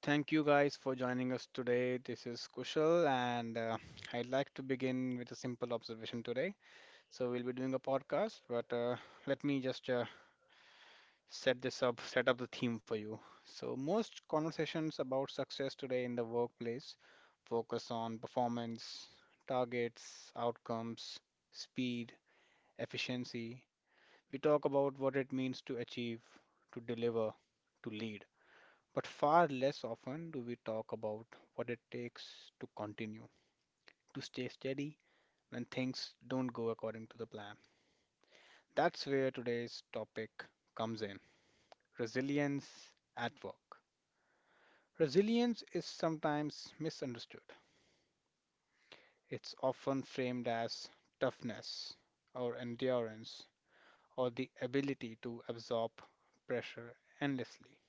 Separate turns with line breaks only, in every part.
Thank you guys for joining us today. This is Kushal, and I'd like to begin with a simple observation today. So we'll be doing a podcast, but let me just set this up, set up the theme for you. So most conversations about success today in the workplace focus on performance, targets, outcomes, speed, efficiency. We talk about what it means to achieve, to deliver, to lead. But far less often do we talk about what it takes to continue, to stay steady when things don't go according to the plan. That's where today's topic comes in. Resilience at work. Resilience is sometimes misunderstood. It's often framed as toughness or endurance or the ability to absorb pressure endlessly.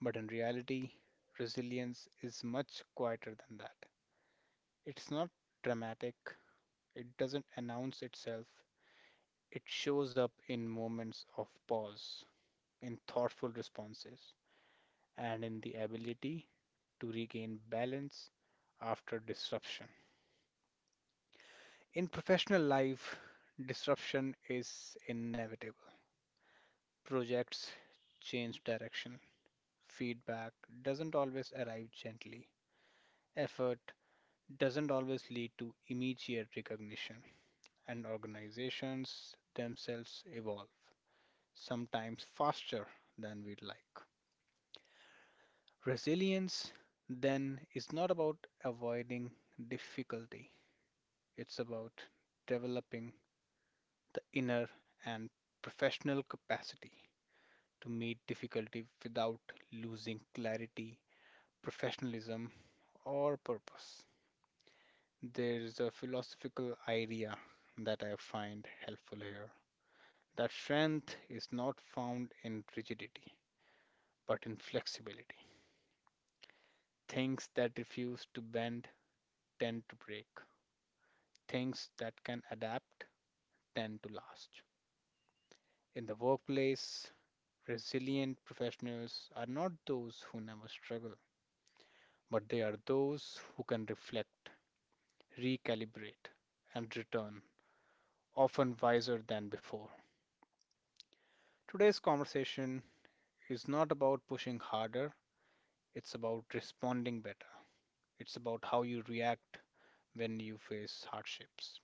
But in reality, resilience is much quieter than that. It's not dramatic. It doesn't announce itself. It shows up in moments of pause, in thoughtful responses, and in the ability to regain balance after disruption. In professional life, disruption is inevitable. Projects change direction, feedback doesn't always arrive gently, effort doesn't always lead to immediate recognition, and organizations themselves evolve, sometimes faster than we'd like. Resilience, then, is not about avoiding difficulty. It's about developing the inner and professional capacity to meet difficulty without losing clarity, professionalism, or purpose. There is a philosophical idea that I find helpful here, that strength is not found in rigidity but in flexibility. Things that refuse to bend tend to break. Things that can adapt tend to last. In the workplace, resilient professionals are not those who never struggle, but they are those who can reflect, recalibrate, and return, often wiser than before. Today's conversation is not about pushing harder, it's about responding better. It's about how you react when you face hardships.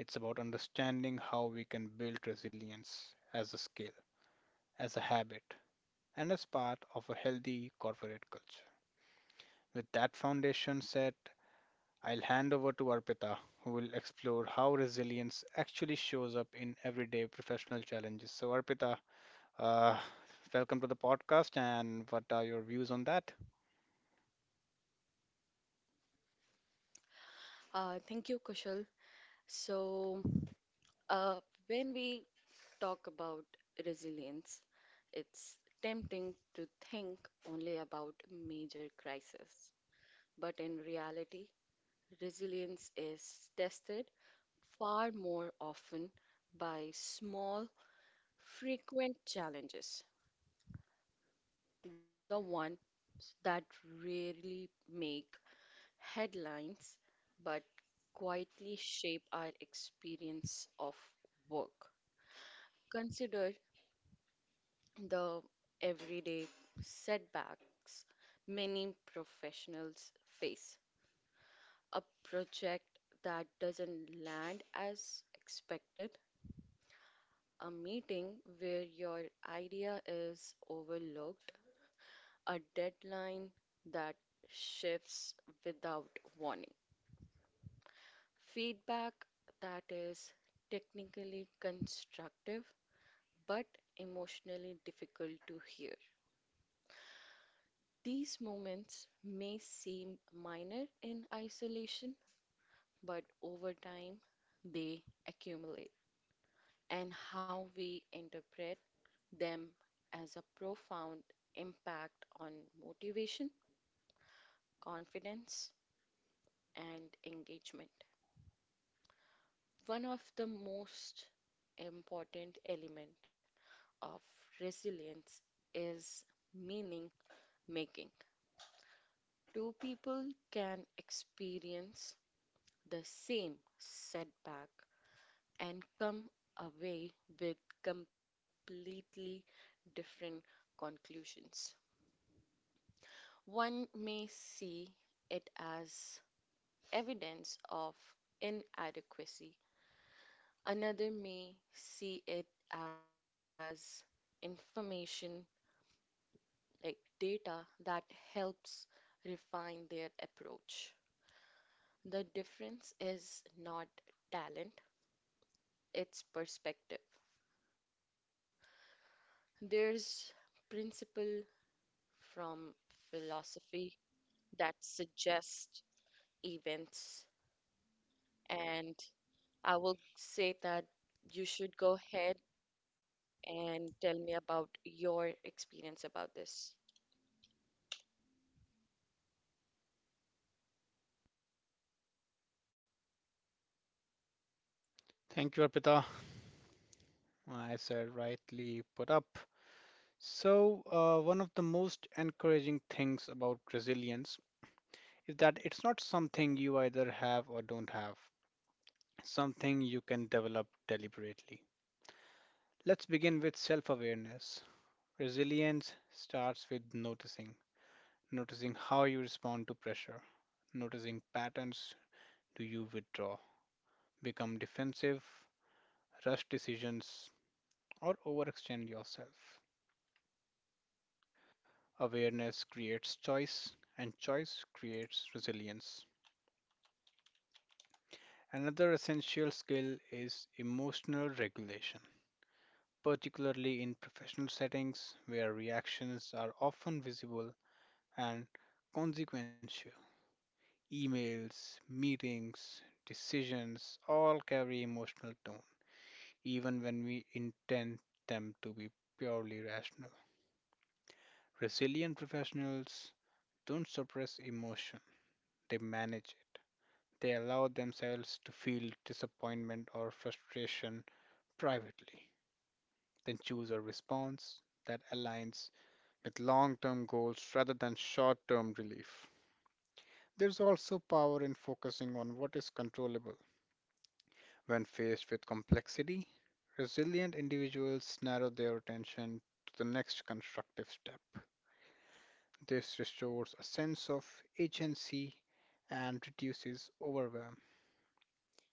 It's about understanding how we can build resilience as a skill, as a habit, and as part of a healthy corporate culture. With that foundation set, I'll hand over to Arpita, who will explore how resilience actually shows up in everyday professional challenges. So, Arpita, uh, welcome to the podcast, and what are your views on that?
Thank you, Kushal. So, uh, when we talk about resilience, it's tempting to think only about major crises. But in reality, resilience is tested far more often by small, frequent challenges, the ones that rarely make headlines but quietly shape our experience of work. Consider the everyday setbacks many professionals face. A project that doesn't land as expected, a meeting where your idea is overlooked, a deadline that shifts without warning, feedback that is technically constructive but emotionally difficult to hear. These moments may seem minor in isolation, but over time they accumulate, and how we interpret them as a profound impact on motivation, confidence, and engagement. One of the most important element of resilience is meaning making. Two people can experience the same setback and come away with completely different conclusions. One may see it as evidence of inadequacy, another may see it as information like data that helps refine their approach. The difference is not talent, its perspective. There's principle from philosophy that suggest events, and I will say that you should go ahead and tell me about your experience about this.
Thank you, Arpita. I said rightly put up. So, one of the most encouraging things about resilience is that it's not something you either have or don't have, something you can develop deliberately. Let's begin with self awareness. Resilience starts with noticing, noticing how you respond to pressure, noticing patterns. Do you withdraw, become defensive, rush decisions, or overextend yourself? Awareness creates choice, and choice creates resilience. Another essential skill is emotional regulation, particularly in professional settings where reactions are often visible and consequential. Emails, meetings, decisions all carry emotional tone, even when we intend them to be purely rational. Resilient professionals don't suppress emotion, they manage it. They allow themselves to feel disappointment or frustration privately, then choose a response that aligns with long term goals rather than short term relief. There's also power in focusing on what is controllable. When faced with complexity, resilient individuals narrow their attention to the next constructive step. This restores a sense of agency and reduces overwhelm.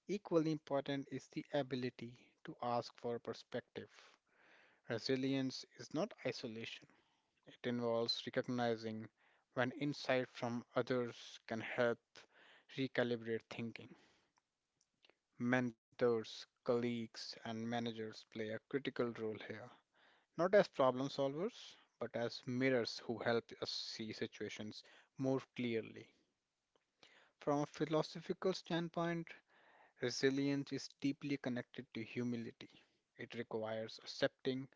Equally important is the ability to ask for perspective. Resilience is not isolation. It involves recognizing when insight from others can help recalibrate thinking. Mentors, colleagues, and managers play a critical role here, not as problem solvers, but as mirrors who help us see situations more clearly. From a philosophical standpoint, resilience is deeply connected to humility. It requires accepting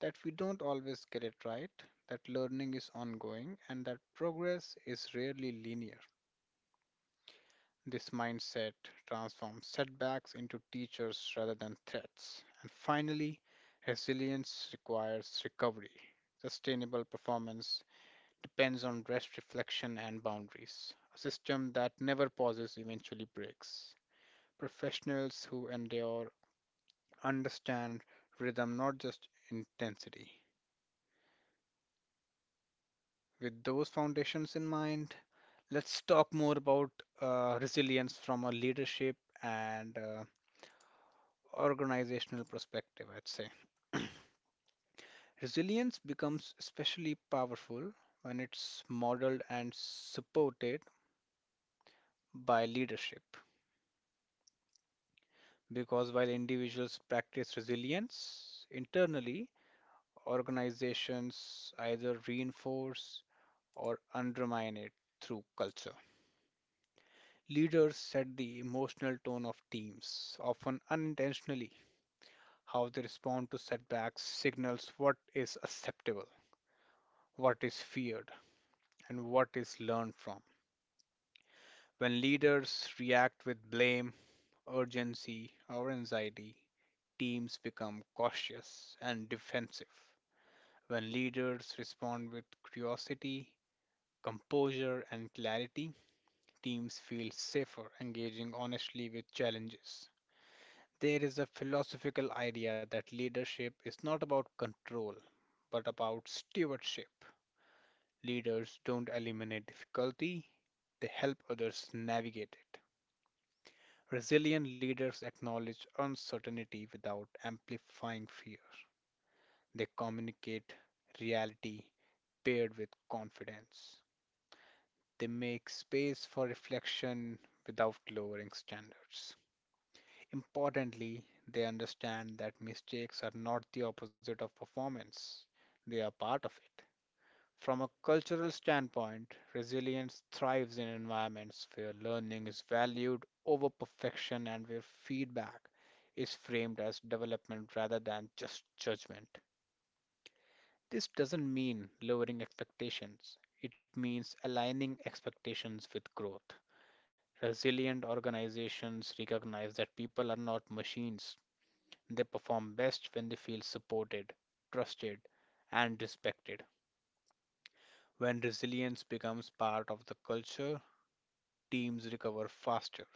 that we don't always get it right, that learning is ongoing, and that progress is rarely linear. This mindset transforms setbacks into teachers rather than threats. And finally, resilience requires recovery. Sustainable performance depends on rest, reflection, and boundaries. A system that never pauses eventually breaks. Professionals who endure understand rhythm, not just intensity. With those foundations in mind, let's talk more about resilience from a leadership and organizational perspective, I'd say. Resilience becomes especially powerful when it's modeled and supported by leadership. Because while individuals practice resilience internally, organizations either reinforce or undermine it through culture. Leaders set the emotional tone of teams, often unintentionally. How they respond to setbacks signals what is acceptable, what is feared, and what is learned from. When leaders react with blame, urgency, or anxiety, teams become cautious and defensive. When leaders respond with curiosity, composure, and clarity, teams feel safer engaging honestly with challenges. There is a philosophical idea that leadership is not about control, but about stewardship. Leaders don't eliminate difficulty, they help others navigate it. Resilient leaders acknowledge uncertainty without amplifying fear. They communicate reality paired with confidence. They make space for reflection without lowering standards. Importantly, they understand that mistakes are not the opposite of performance, they are part of it. From a cultural standpoint, resilience thrives in environments where learning is valued over perfection and where feedback is framed as development rather than just judgment. This doesn't mean lowering expectations, it means aligning expectations with growth. Resilient organizations recognize that people are not machines, they perform best when they feel supported, trusted, and respected. When resilience becomes part of the culture, teams recover faster,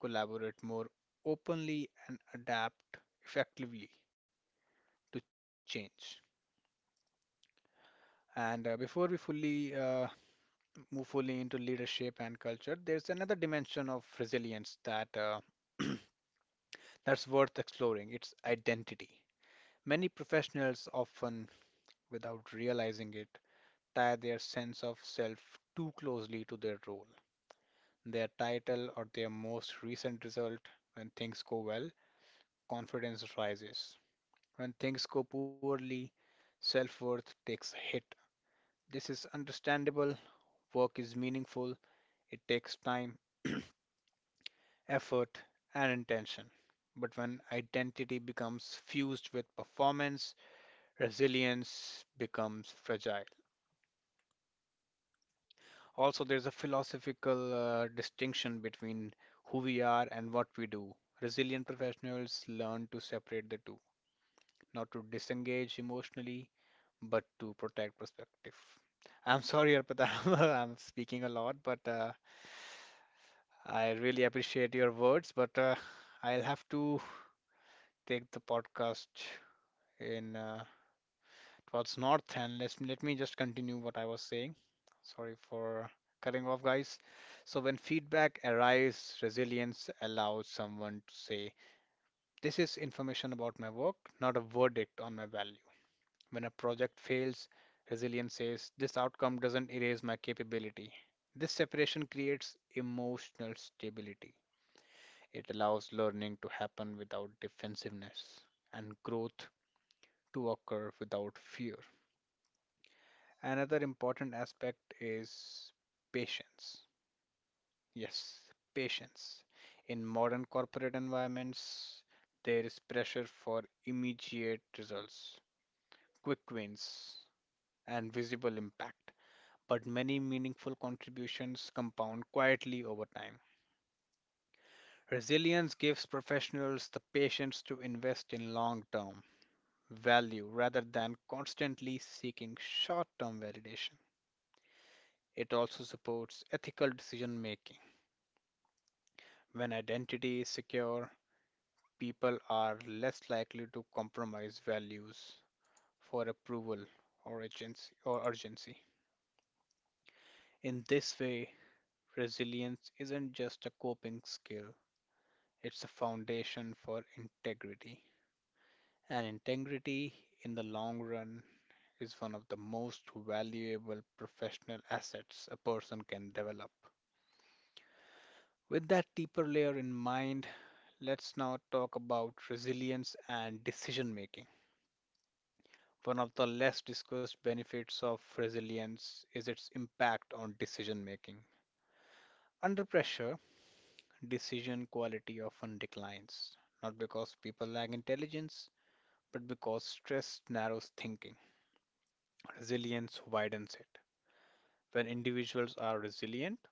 collaborate more openly, and adapt effectively to change. And before we fully move fully into leadership and culture, there's another dimension of resilience that that's worth exploring. It's identity. Many professionals often, without realizing it, tie their sense of self too closely to their role, their title, or their most recent result. When things go well, confidence rises. When things go poorly, self worth takes a hit. This is understandable. Work is meaningful, it takes time, effort, and intention. But when identity becomes fused with performance, resilience becomes fragile. Also, there's a philosophical distinction between who we are and what we do. Resilient professionals learn to separate the two, not to disengage emotionally, but to protect perspective. I'm sorry, Arpita, I'm speaking a lot, but I really appreciate your words. But I'll have to take the podcast in towards north and let me just continue what I was saying. Sorry for cutting off, guys. So when feedback arrives, resilience allows someone to say, "This is information about my work, not a verdict on my value." When a project fails, resilience says, "This outcome doesn't erase my capability." This separation creates emotional stability. It allows learning to happen without defensiveness and growth to occur without fear. Another important aspect is patience. Yes, patience. In modern corporate environments, there is pressure for immediate results, quick wins, and visible impact. But many meaningful contributions compound quietly over time. Resilience gives professionals the patience to invest in long term value rather than constantly seeking short term validation. It also supports ethical decision making. When identity is secure, people are less likely to compromise values for approval or urgency. Or urgency. In this way, resilience isn't just a coping skill, it's a foundation for integrity. And integrity, in the long run, is one of the most valuable professional assets a person can develop. With that deeper layer in mind, let's now talk about resilience and decision making. One of the less discussed benefits of resilience is its impact on decision making. Under pressure, decision quality often declines, not because people lack intelligence, but because stress narrows thinking. Resilience widens it. When individuals are resilient,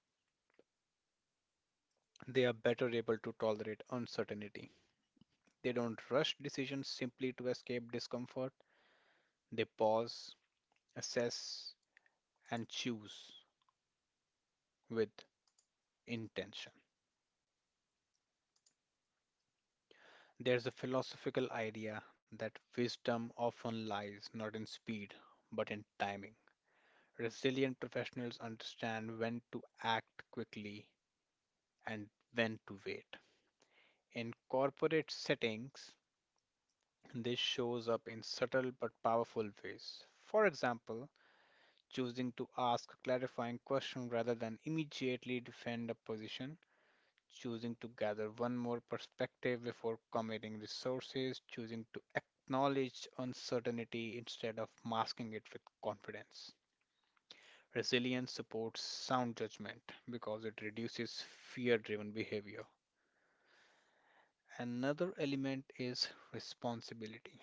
they are better able to tolerate uncertainty. They don't rush decisions simply to escape discomfort, they pause, assess, and choose with intention. There's a philosophical idea that wisdom often lies not in speed, but in timing. Resilient professionals understand when to act quickly and when to wait. In corporate settings, this shows up in subtle but powerful ways. For example, choosing to ask a clarifying question rather than immediately defend a position, choosing to gather one more perspective before committing resources, choosing to acknowledge uncertainty instead of masking it with confidence. Resilience supports sound judgment because it reduces fear driven behavior. Another element is responsibility.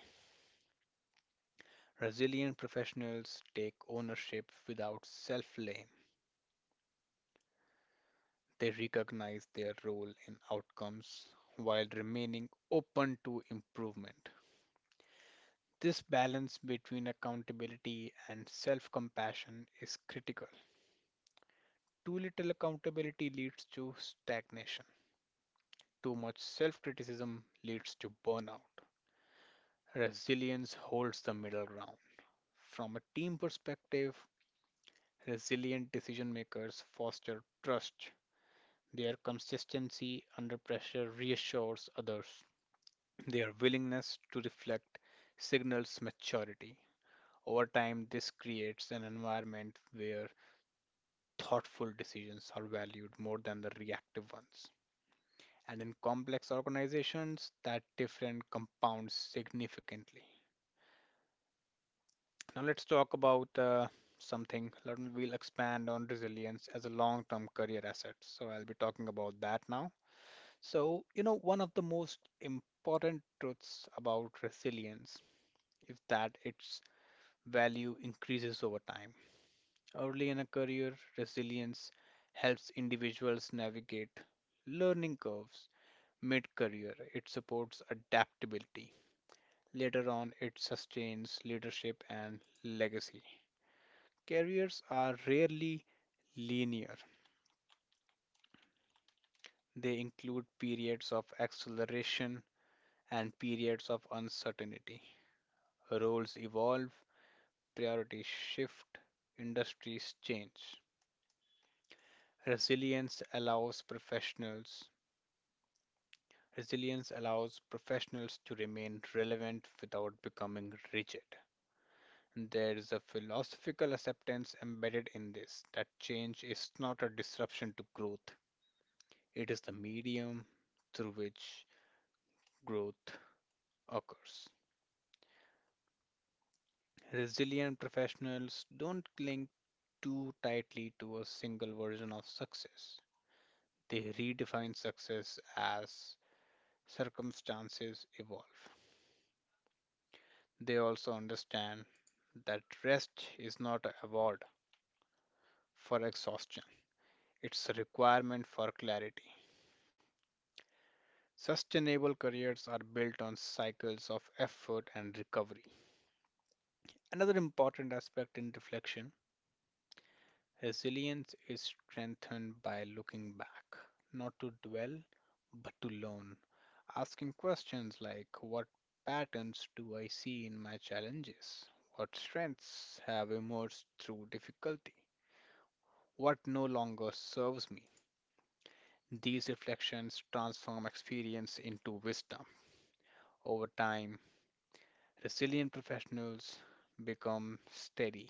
Resilient professionals take ownership without self blame. They recognize their role in outcomes while remaining open to improvement. This balance between accountability and self compassion is critical. Too little accountability leads to stagnation, too much self criticism leads to burnout. Resilience holds the middle ground. From a team perspective, resilient decision makers foster trust. Their consistency under pressure reassures others. Their willingness to reflect signals maturity. Over time, this creates an environment where thoughtful decisions are valued more than the reactive ones. And in complex organizations, that difference compounds significantly. Now, let's talk about something. We'll expand on resilience as a long term career asset. So, I'll be talking about that now. So, you know, one of the most important truths about resilience is that its value increases over time. Early in a career, resilience helps individuals navigate learning curves mid career, it supports adaptability. Later on, it sustains leadership and legacy. Careers are rarely linear, they include periods of acceleration and periods of uncertainty. Roles evolve, priorities shift, industries change. Resilience allows professionals Resilience allows professionals to remain relevant without becoming rigid. There is a philosophical acceptance embedded in this that change is not a disruption to growth, it is the medium through which growth occurs. Resilient professionals don't cling too tightly to a single version of success, they redefine success as circumstances evolve. They also understand that rest is not an award for exhaustion, it's a requirement for clarity. Sustainable careers are built on cycles of effort and recovery. Another important aspect in reflection: resilience is strengthened by looking back, not to dwell, but to learn. Asking questions like: what patterns do I see in my challenges? What strengths have emerged through difficulty? What no longer serves me? These reflections transform experience into wisdom. Over time, resilient professionals become steady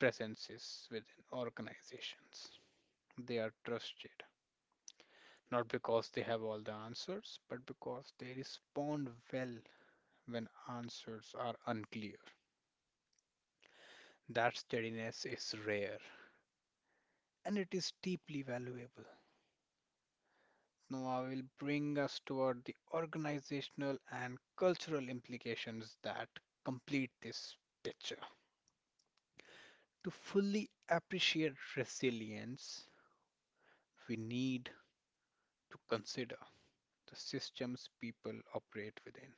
presences within organizations. They are trusted not because they have all the answers, but because they respond well when answers are unclear. That steadiness is rare, and it is deeply valuable. Now, I will bring us toward the organizational and cultural implications that complete this picture. To fully appreciate resilience, we need to consider the systems people operate within.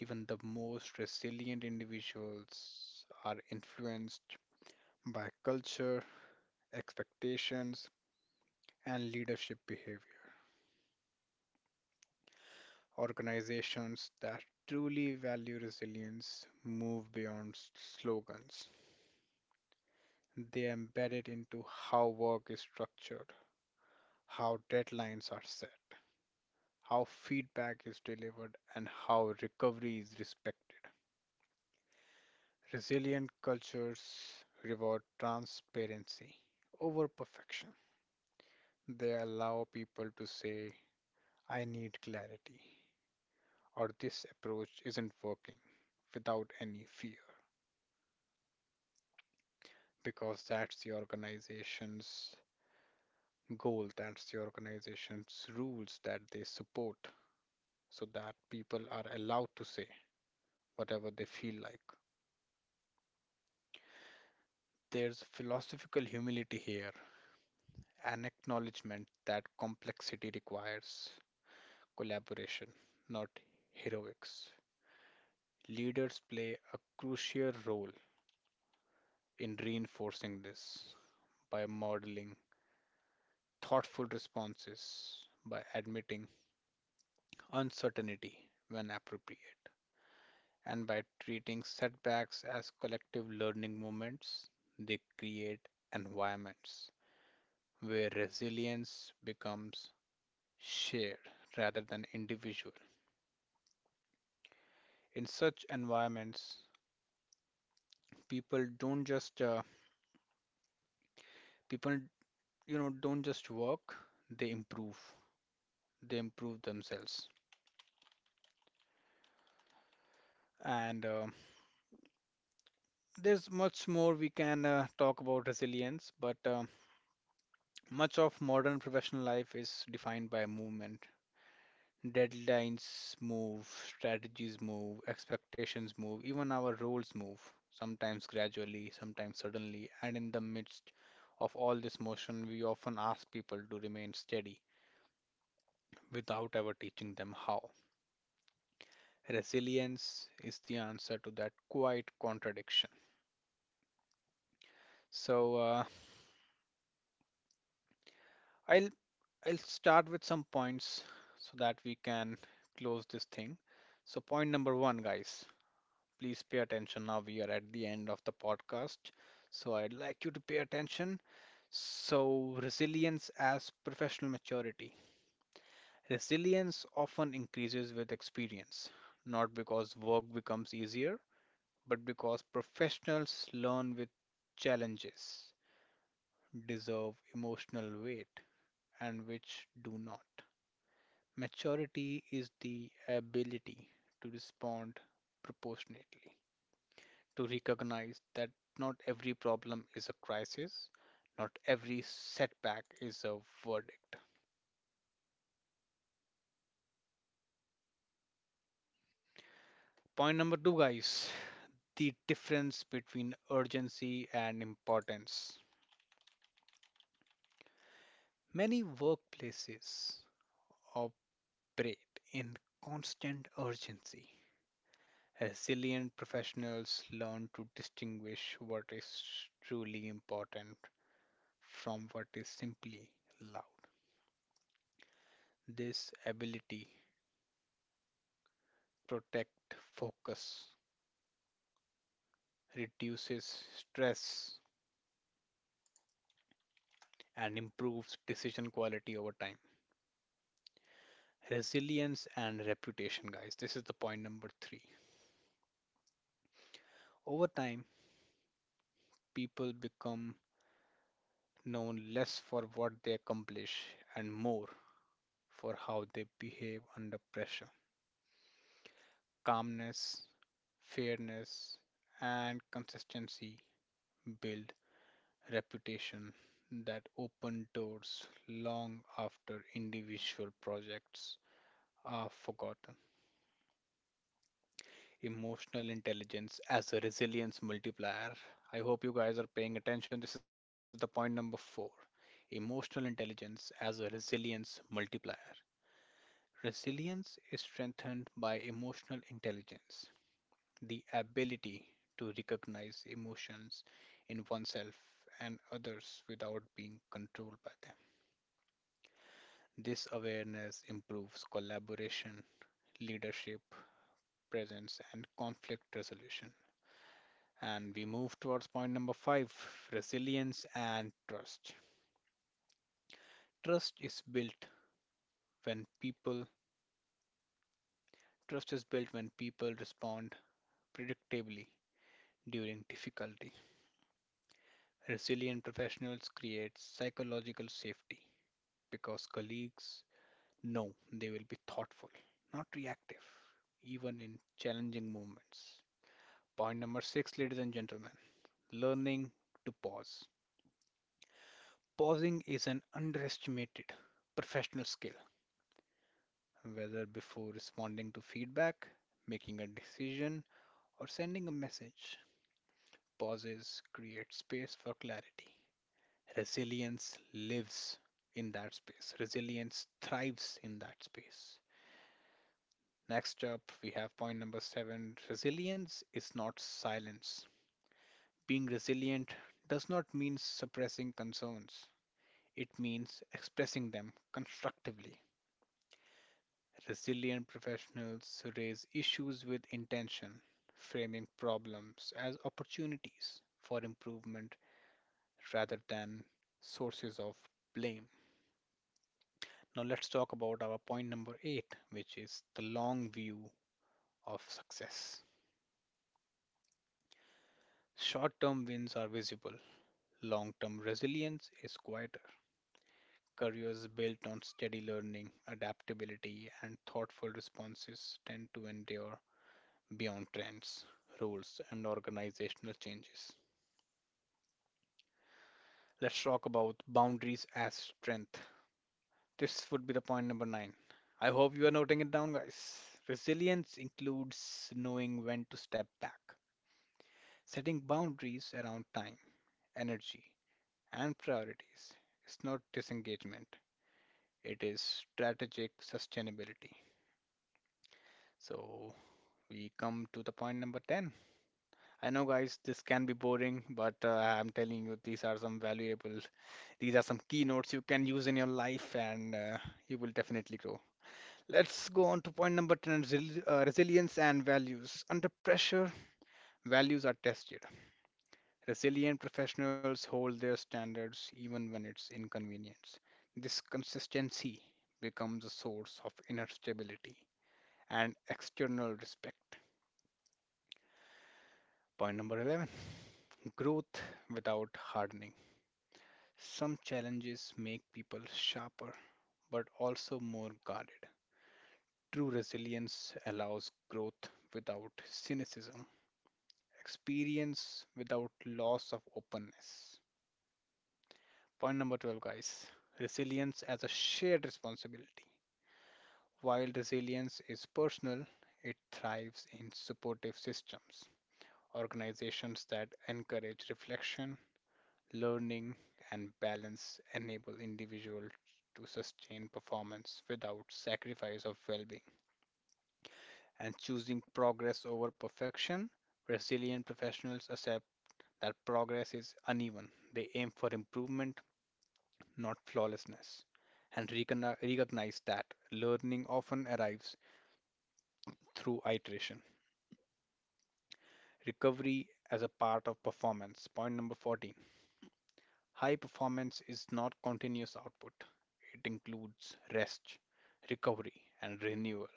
Even the most resilient individuals are influenced by culture, expectations, and leadership behavior. Organizations that truly value resilience move beyond slogans, they embed it into how work is structured, how deadlines are set, how feedback is delivered, and how recovery is respected. Resilient cultures reward transparency over perfection. They allow people to say, I need clarity, or this approach isn't working, without any fear, because that's the organization's goal, that's the organization's rules that they support, so that people are allowed to say whatever they feel like. There's philosophical humility here, an acknowledgement that complexity requires collaboration, not heroics. Leaders play a crucial role in reinforcing this by modeling thoughtful responses, by admitting uncertainty when appropriate, and by treating setbacks as collective learning moments. They create environments where resilience becomes shared rather than individual. In such environments, people don't just uh, people don't just work, they improve, they improve themselves, and there's much more we can talk about resilience but much of modern professional life is defined by movement. Deadlines move, strategies move, expectations move, even our roles move, sometimes gradually, sometimes suddenly. And in the midst of all this motion we often ask people to remain steady without ever teaching them how. Resilience is the answer to that quiet contradiction. So uh, I'll I'll start with some points so that we can close this thing. So point number one, guys, please pay attention. Now we are at the end of the podcast, so I'd like you to pay attention. So, resilience as professional maturity. Resilience often increases with experience, not because work becomes easier, but because professionals learn with challenges deserve emotional weight and which do not. Maturity is the ability to respond proportionately, to recognize that not every problem is a crisis, not every setback is a verdict. Point number two, guys, the difference between urgency and importance. Many workplaces operate in constant urgency. Resilient professionals learn to distinguish what is truly important from what is simply loud. This ability protect focus, reduces stress, and improves decision quality over time. Resilience and reputation, guys. This is the point number three. Over time, people become known less for what they accomplish and more for how they behave under pressure. Calmness, fairness, and consistency build reputation that open doors long after individual projects are forgotten. Emotional intelligence as a resilience multiplier. I hope you guys are paying attention. This is the point number four. Emotional intelligence as a resilience multiplier. Resilience is strengthened by emotional intelligence, the ability to recognize emotions in oneself and others without being controlled by them. This awareness improves collaboration, leadership, presence, and conflict resolution. And we move towards point number five, resilience and trust. Trust is built when people Trust is built when people respond predictably during difficulty. Resilient professionals create psychological safety because colleagues, no, they will be thoughtful, not reactive, even in challenging moments. Point number six, ladies and gentlemen, learning to pause. Pausing is an underestimated professional skill, whether before responding to feedback, making a decision, or sending a message. Pauses create space for clarity. Resilience lives in that space, resilience thrives in that space. Next up, we have point number seven, resilience is not silence. Being resilient does not mean suppressing concerns, it means expressing them constructively. Resilient professionals raise issues with intention, framing problems as opportunities for improvement rather than sources of blame. Now, let's talk about our point number eight, which is the long view of success. Short term wins are visible, long term resilience is quieter. Careers built on steady learning, adaptability, and thoughtful responses tend to endure beyond trends, rules, and organizational changes. Let's talk about boundaries as strength. This would be the point number nine. I hope you are noting it down, guys. Resilience includes knowing when to step back, setting boundaries around time, energy, and priorities. It's not disengagement, it is strategic sustainability. So we come to the point number 10. I know, guys, this can be boring, but I'm telling you, these are some valuable, these are some keynotes you can use in your life, and you will definitely grow. Let's go on to point number 10, resilience and values. Under pressure, values are tested. Resilient professionals hold their standards even when it's inconvenient. This consistency becomes a source of inner stability and external respect. Point number 11, growth without hardening. Some challenges make people sharper but also more guarded. True resilience allows growth without cynicism, experience without loss of openness. Point number 12, guys, resilience as a shared responsibility. While resilience is personal, it thrives in supportive systems. Organizations that encourage reflection, learning, and balance enable individuals to sustain performance without sacrifice of well-being. And choosing progress over perfection, resilient professionals accept that progress is uneven, they aim for improvement, not flawlessness, and recognize that learning often arrives through iteration. Recovery as a part of performance, point number 14. High performance is not continuous output. It includes rest, recovery, and renewal.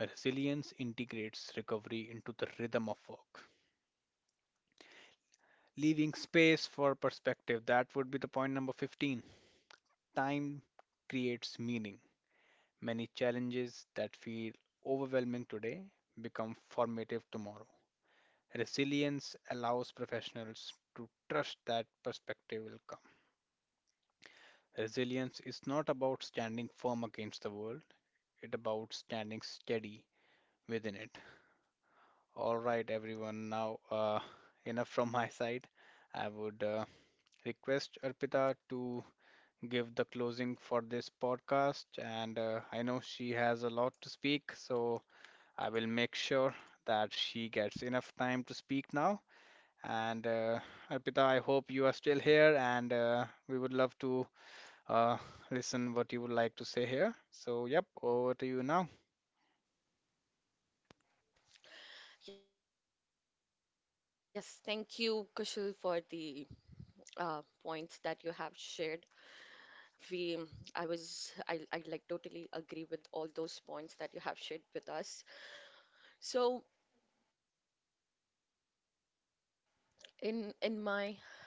Resilience integrates recovery into the rhythm of work, leaving space for perspective. That would be the point number 15. Time creates meaning. Many challenges that feel overwhelming today become formative tomorrow. Resilience allows professionals to trust that perspective will come. Resilience is not about standing firm against the world, it about standing steady within it. All right, everyone. Enough from my side. I would request Arpita to give the closing for this podcast. And I know she has a lot to speak, so I will make sure that she gets enough time to speak now. And Arpita, I hope you are still here, and we would love to uh, listen what you would like to say here. So, yep, over to you now.
Yes, thank you, Kushal, for the uh, points that you have shared. We, I was, I like totally agree with all those points that you have shared with us. So in my uh,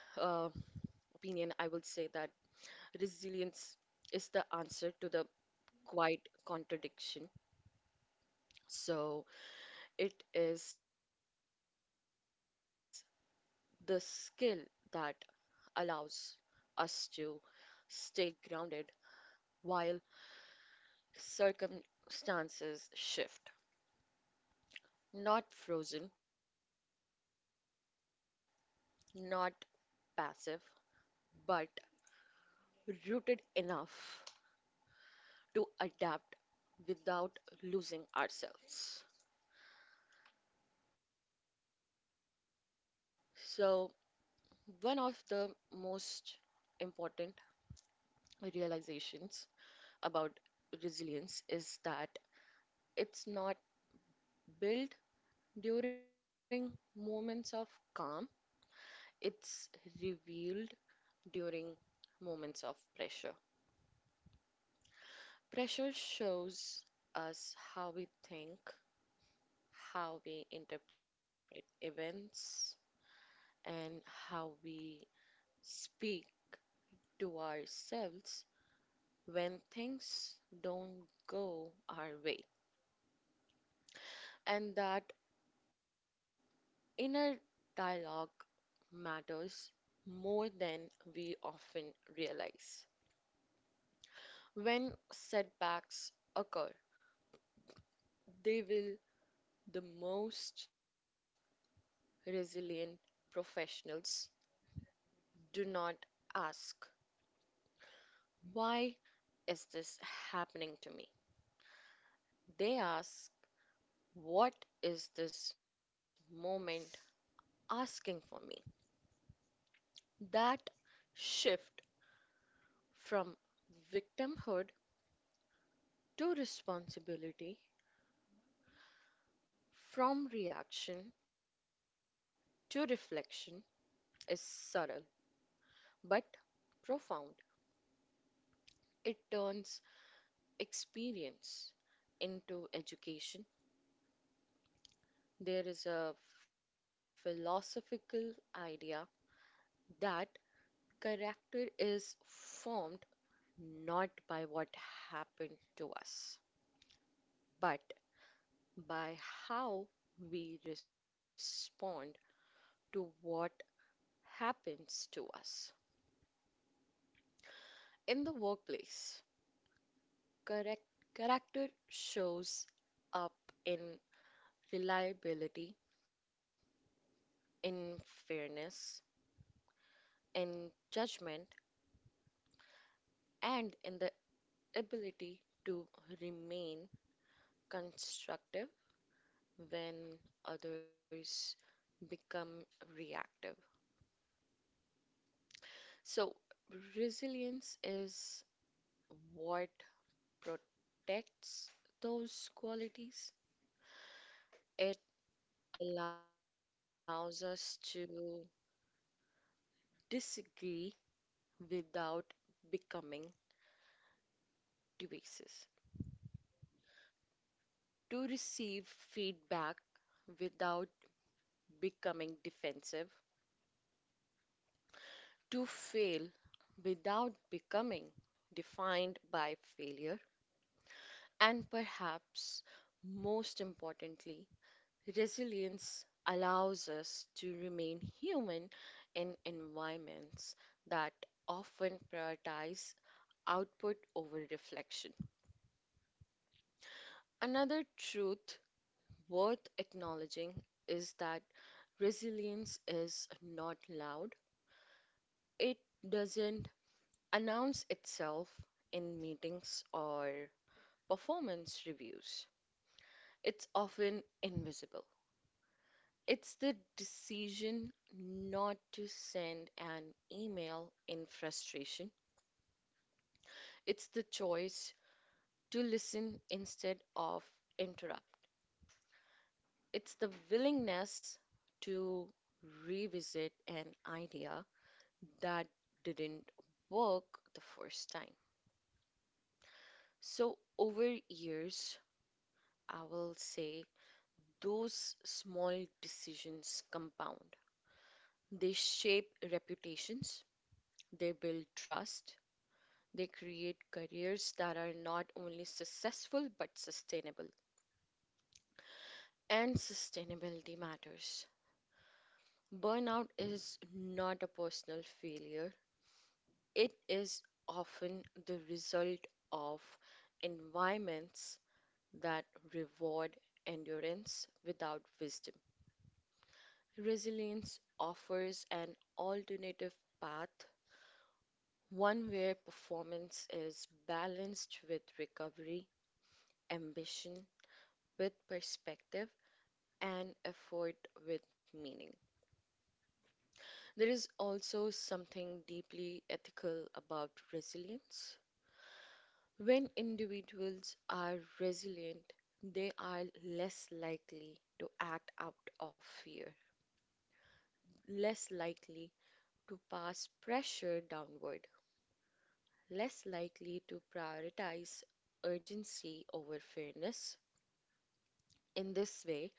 opinion, I will say that resilience is the answer to the quiet contradiction. So it is the skill that allows us to stay grounded while circumstances shift. Not frozen, not passive, but rooted enough to adapt without losing ourselves. So, one of the most important realizations about resilience is that it's not built during moments of calm, it's revealed during moments of pressure. Pressure shows us how we think, how we interpret events, and how we speak to ourselves when things don't go our way, and that inner dialogue matters more than we often realize. When setbacks occur, they will the most resilient professionals do not ask, "Why is this happening to me?" They ask, "What is this moment asking for me?" That shift from victimhood to responsibility, from reaction to reflection is subtle but profound. It turns experience into education. There is a philosophical idea that character is formed not by what happened to us, but by how we respond to what happens to us. In the workplace, correct character shows up in reliability, in fairness, in judgment, and in the ability to remain constructive when others become reactive. So, resilience is what protects those qualities. It allows us to disagree without becoming divisive, to receive feedback without becoming defensive, to fail without becoming defined by failure, and perhaps most importantly, resilience allows us to remain human in environments that often prioritize output over reflection. Another truth worth acknowledging is that resilience is not loud. It doesn't announce itself in meetings or performance reviews. It's often invisible. It's the decision not to send an email in frustration. It's the choice to listen instead of interrupt. It's the willingness to revisit an idea that didn't work the first time. So, over years, I will say those small decisions compound. They shape reputations, they build trust, they create careers that are not only successful but sustainable. And sustainability matters. Burnout is not a personal failure, it is often the result of environments that reward endurance without wisdom. Resilience offers an alternative path, one where performance is balanced with recovery, ambition with perspective, and effort with meaning. There is also something deeply ethical about resilience. When individuals are resilient, they are less likely to act out of fear, less likely to pass pressure downward, less likely to prioritize urgency over fairness. In this way,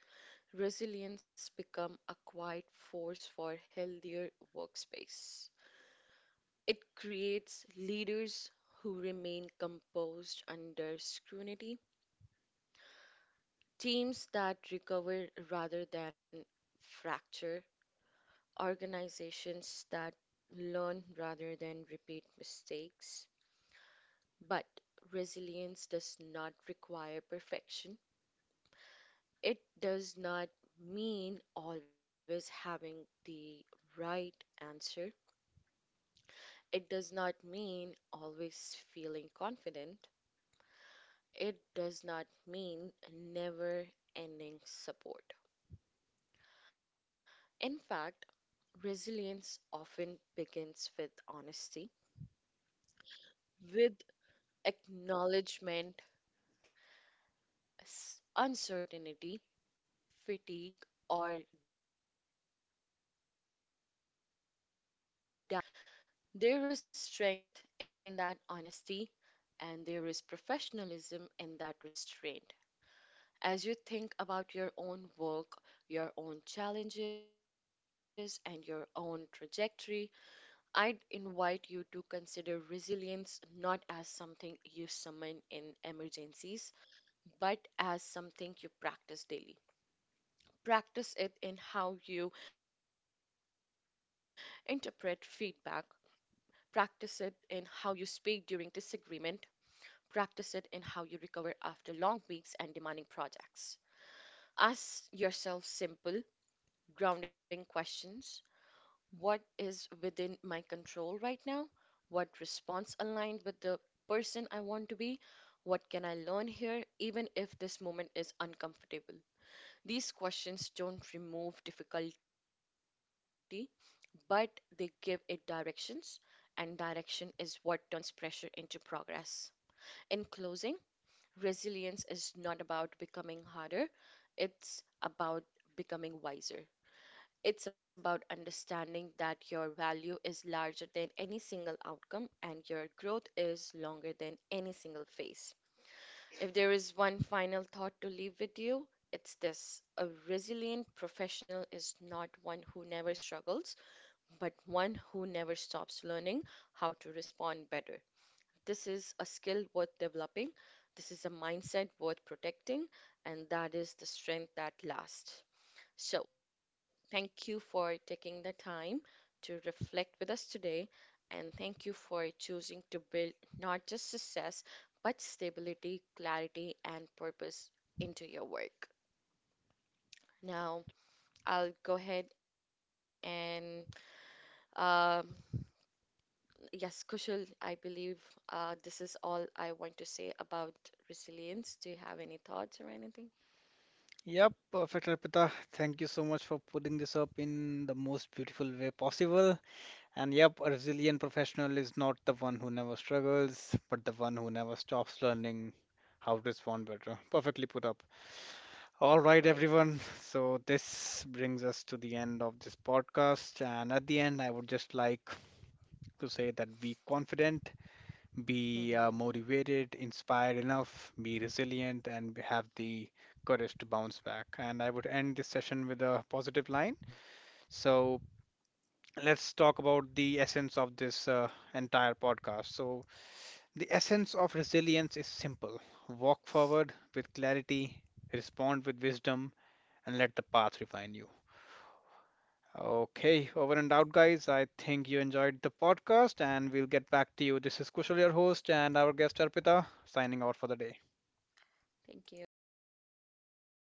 resilience becomes a quiet force for healthier workspace. It creates leaders who remain composed under scrutiny, teams that recover rather than fracture, organizations that learn rather than repeat mistakes. But resilience does not require perfection. It does not mean always having the right answer. It does not mean always feeling confident. It does not mean never ending support. In fact, resilience often begins with honesty, with acknowledgement, uncertainty, fatigue, or doubt and choosing a thoughtful response anyway. There is strength in that honesty and there is professionalism in that restraint. As you think about your own work, your own challenges, and your own trajectory, I'd invite you to consider resilience not as something you summon in emergencies, but as something you practice daily. Practice it in how you interpret feedback, practice it in how you speak during disagreement. Practice it in how you recover after long weeks and demanding projects. Ask yourself simple, grounding questions. What is within my control right now? What response aligned with the person I want to be? What can I learn here, even if this moment is uncomfortable? These questions don't remove difficulty, but they give it directions, and direction is what turns pressure into progress. In closing, resilience is not about becoming harder, it's about becoming wiser. It's about understanding that your value is larger than any single outcome and your growth is longer than any single phase. If there is one final thought to leave with you, it's this. A resilient professional is not one who never struggles, but one who never stops learning how to respond better. This is a skill worth developing, this is a mindset worth protecting, and that is the strength that lasts. So, thank you for taking the time to reflect with us today, and thank you for choosing to build not just success, but stability, clarity, and purpose into your work. Now, I'll go ahead and, um, yes, Kushal, I believe this is all I want to say about resilience. Do you have any thoughts or anything?
Yep, perfect, Arpita. Thank you so much for putting this up in the most beautiful way possible. And yep, a resilient professional is not the one who never struggles, but the one who never stops learning how to respond better. Perfectly put up. All right, everyone.
Right.
So this brings us to the end of this podcast. And at the end, I would just like to say that be confident, be motivated,
Hmm.
inspired enough, be resilient, and b- have the courage to bounce back. And I would end this session with a positive line. So let's talk about the essence of this entire podcast. So, the essence of resilience is simple: walk forward with clarity, respond with wisdom, and let the path refine you. Okay, over and out, guys. I think you enjoyed the podcast, and we'll get back to you. This is Kushal, your host, and our guest Arpita, signing out for the day.
Thank you.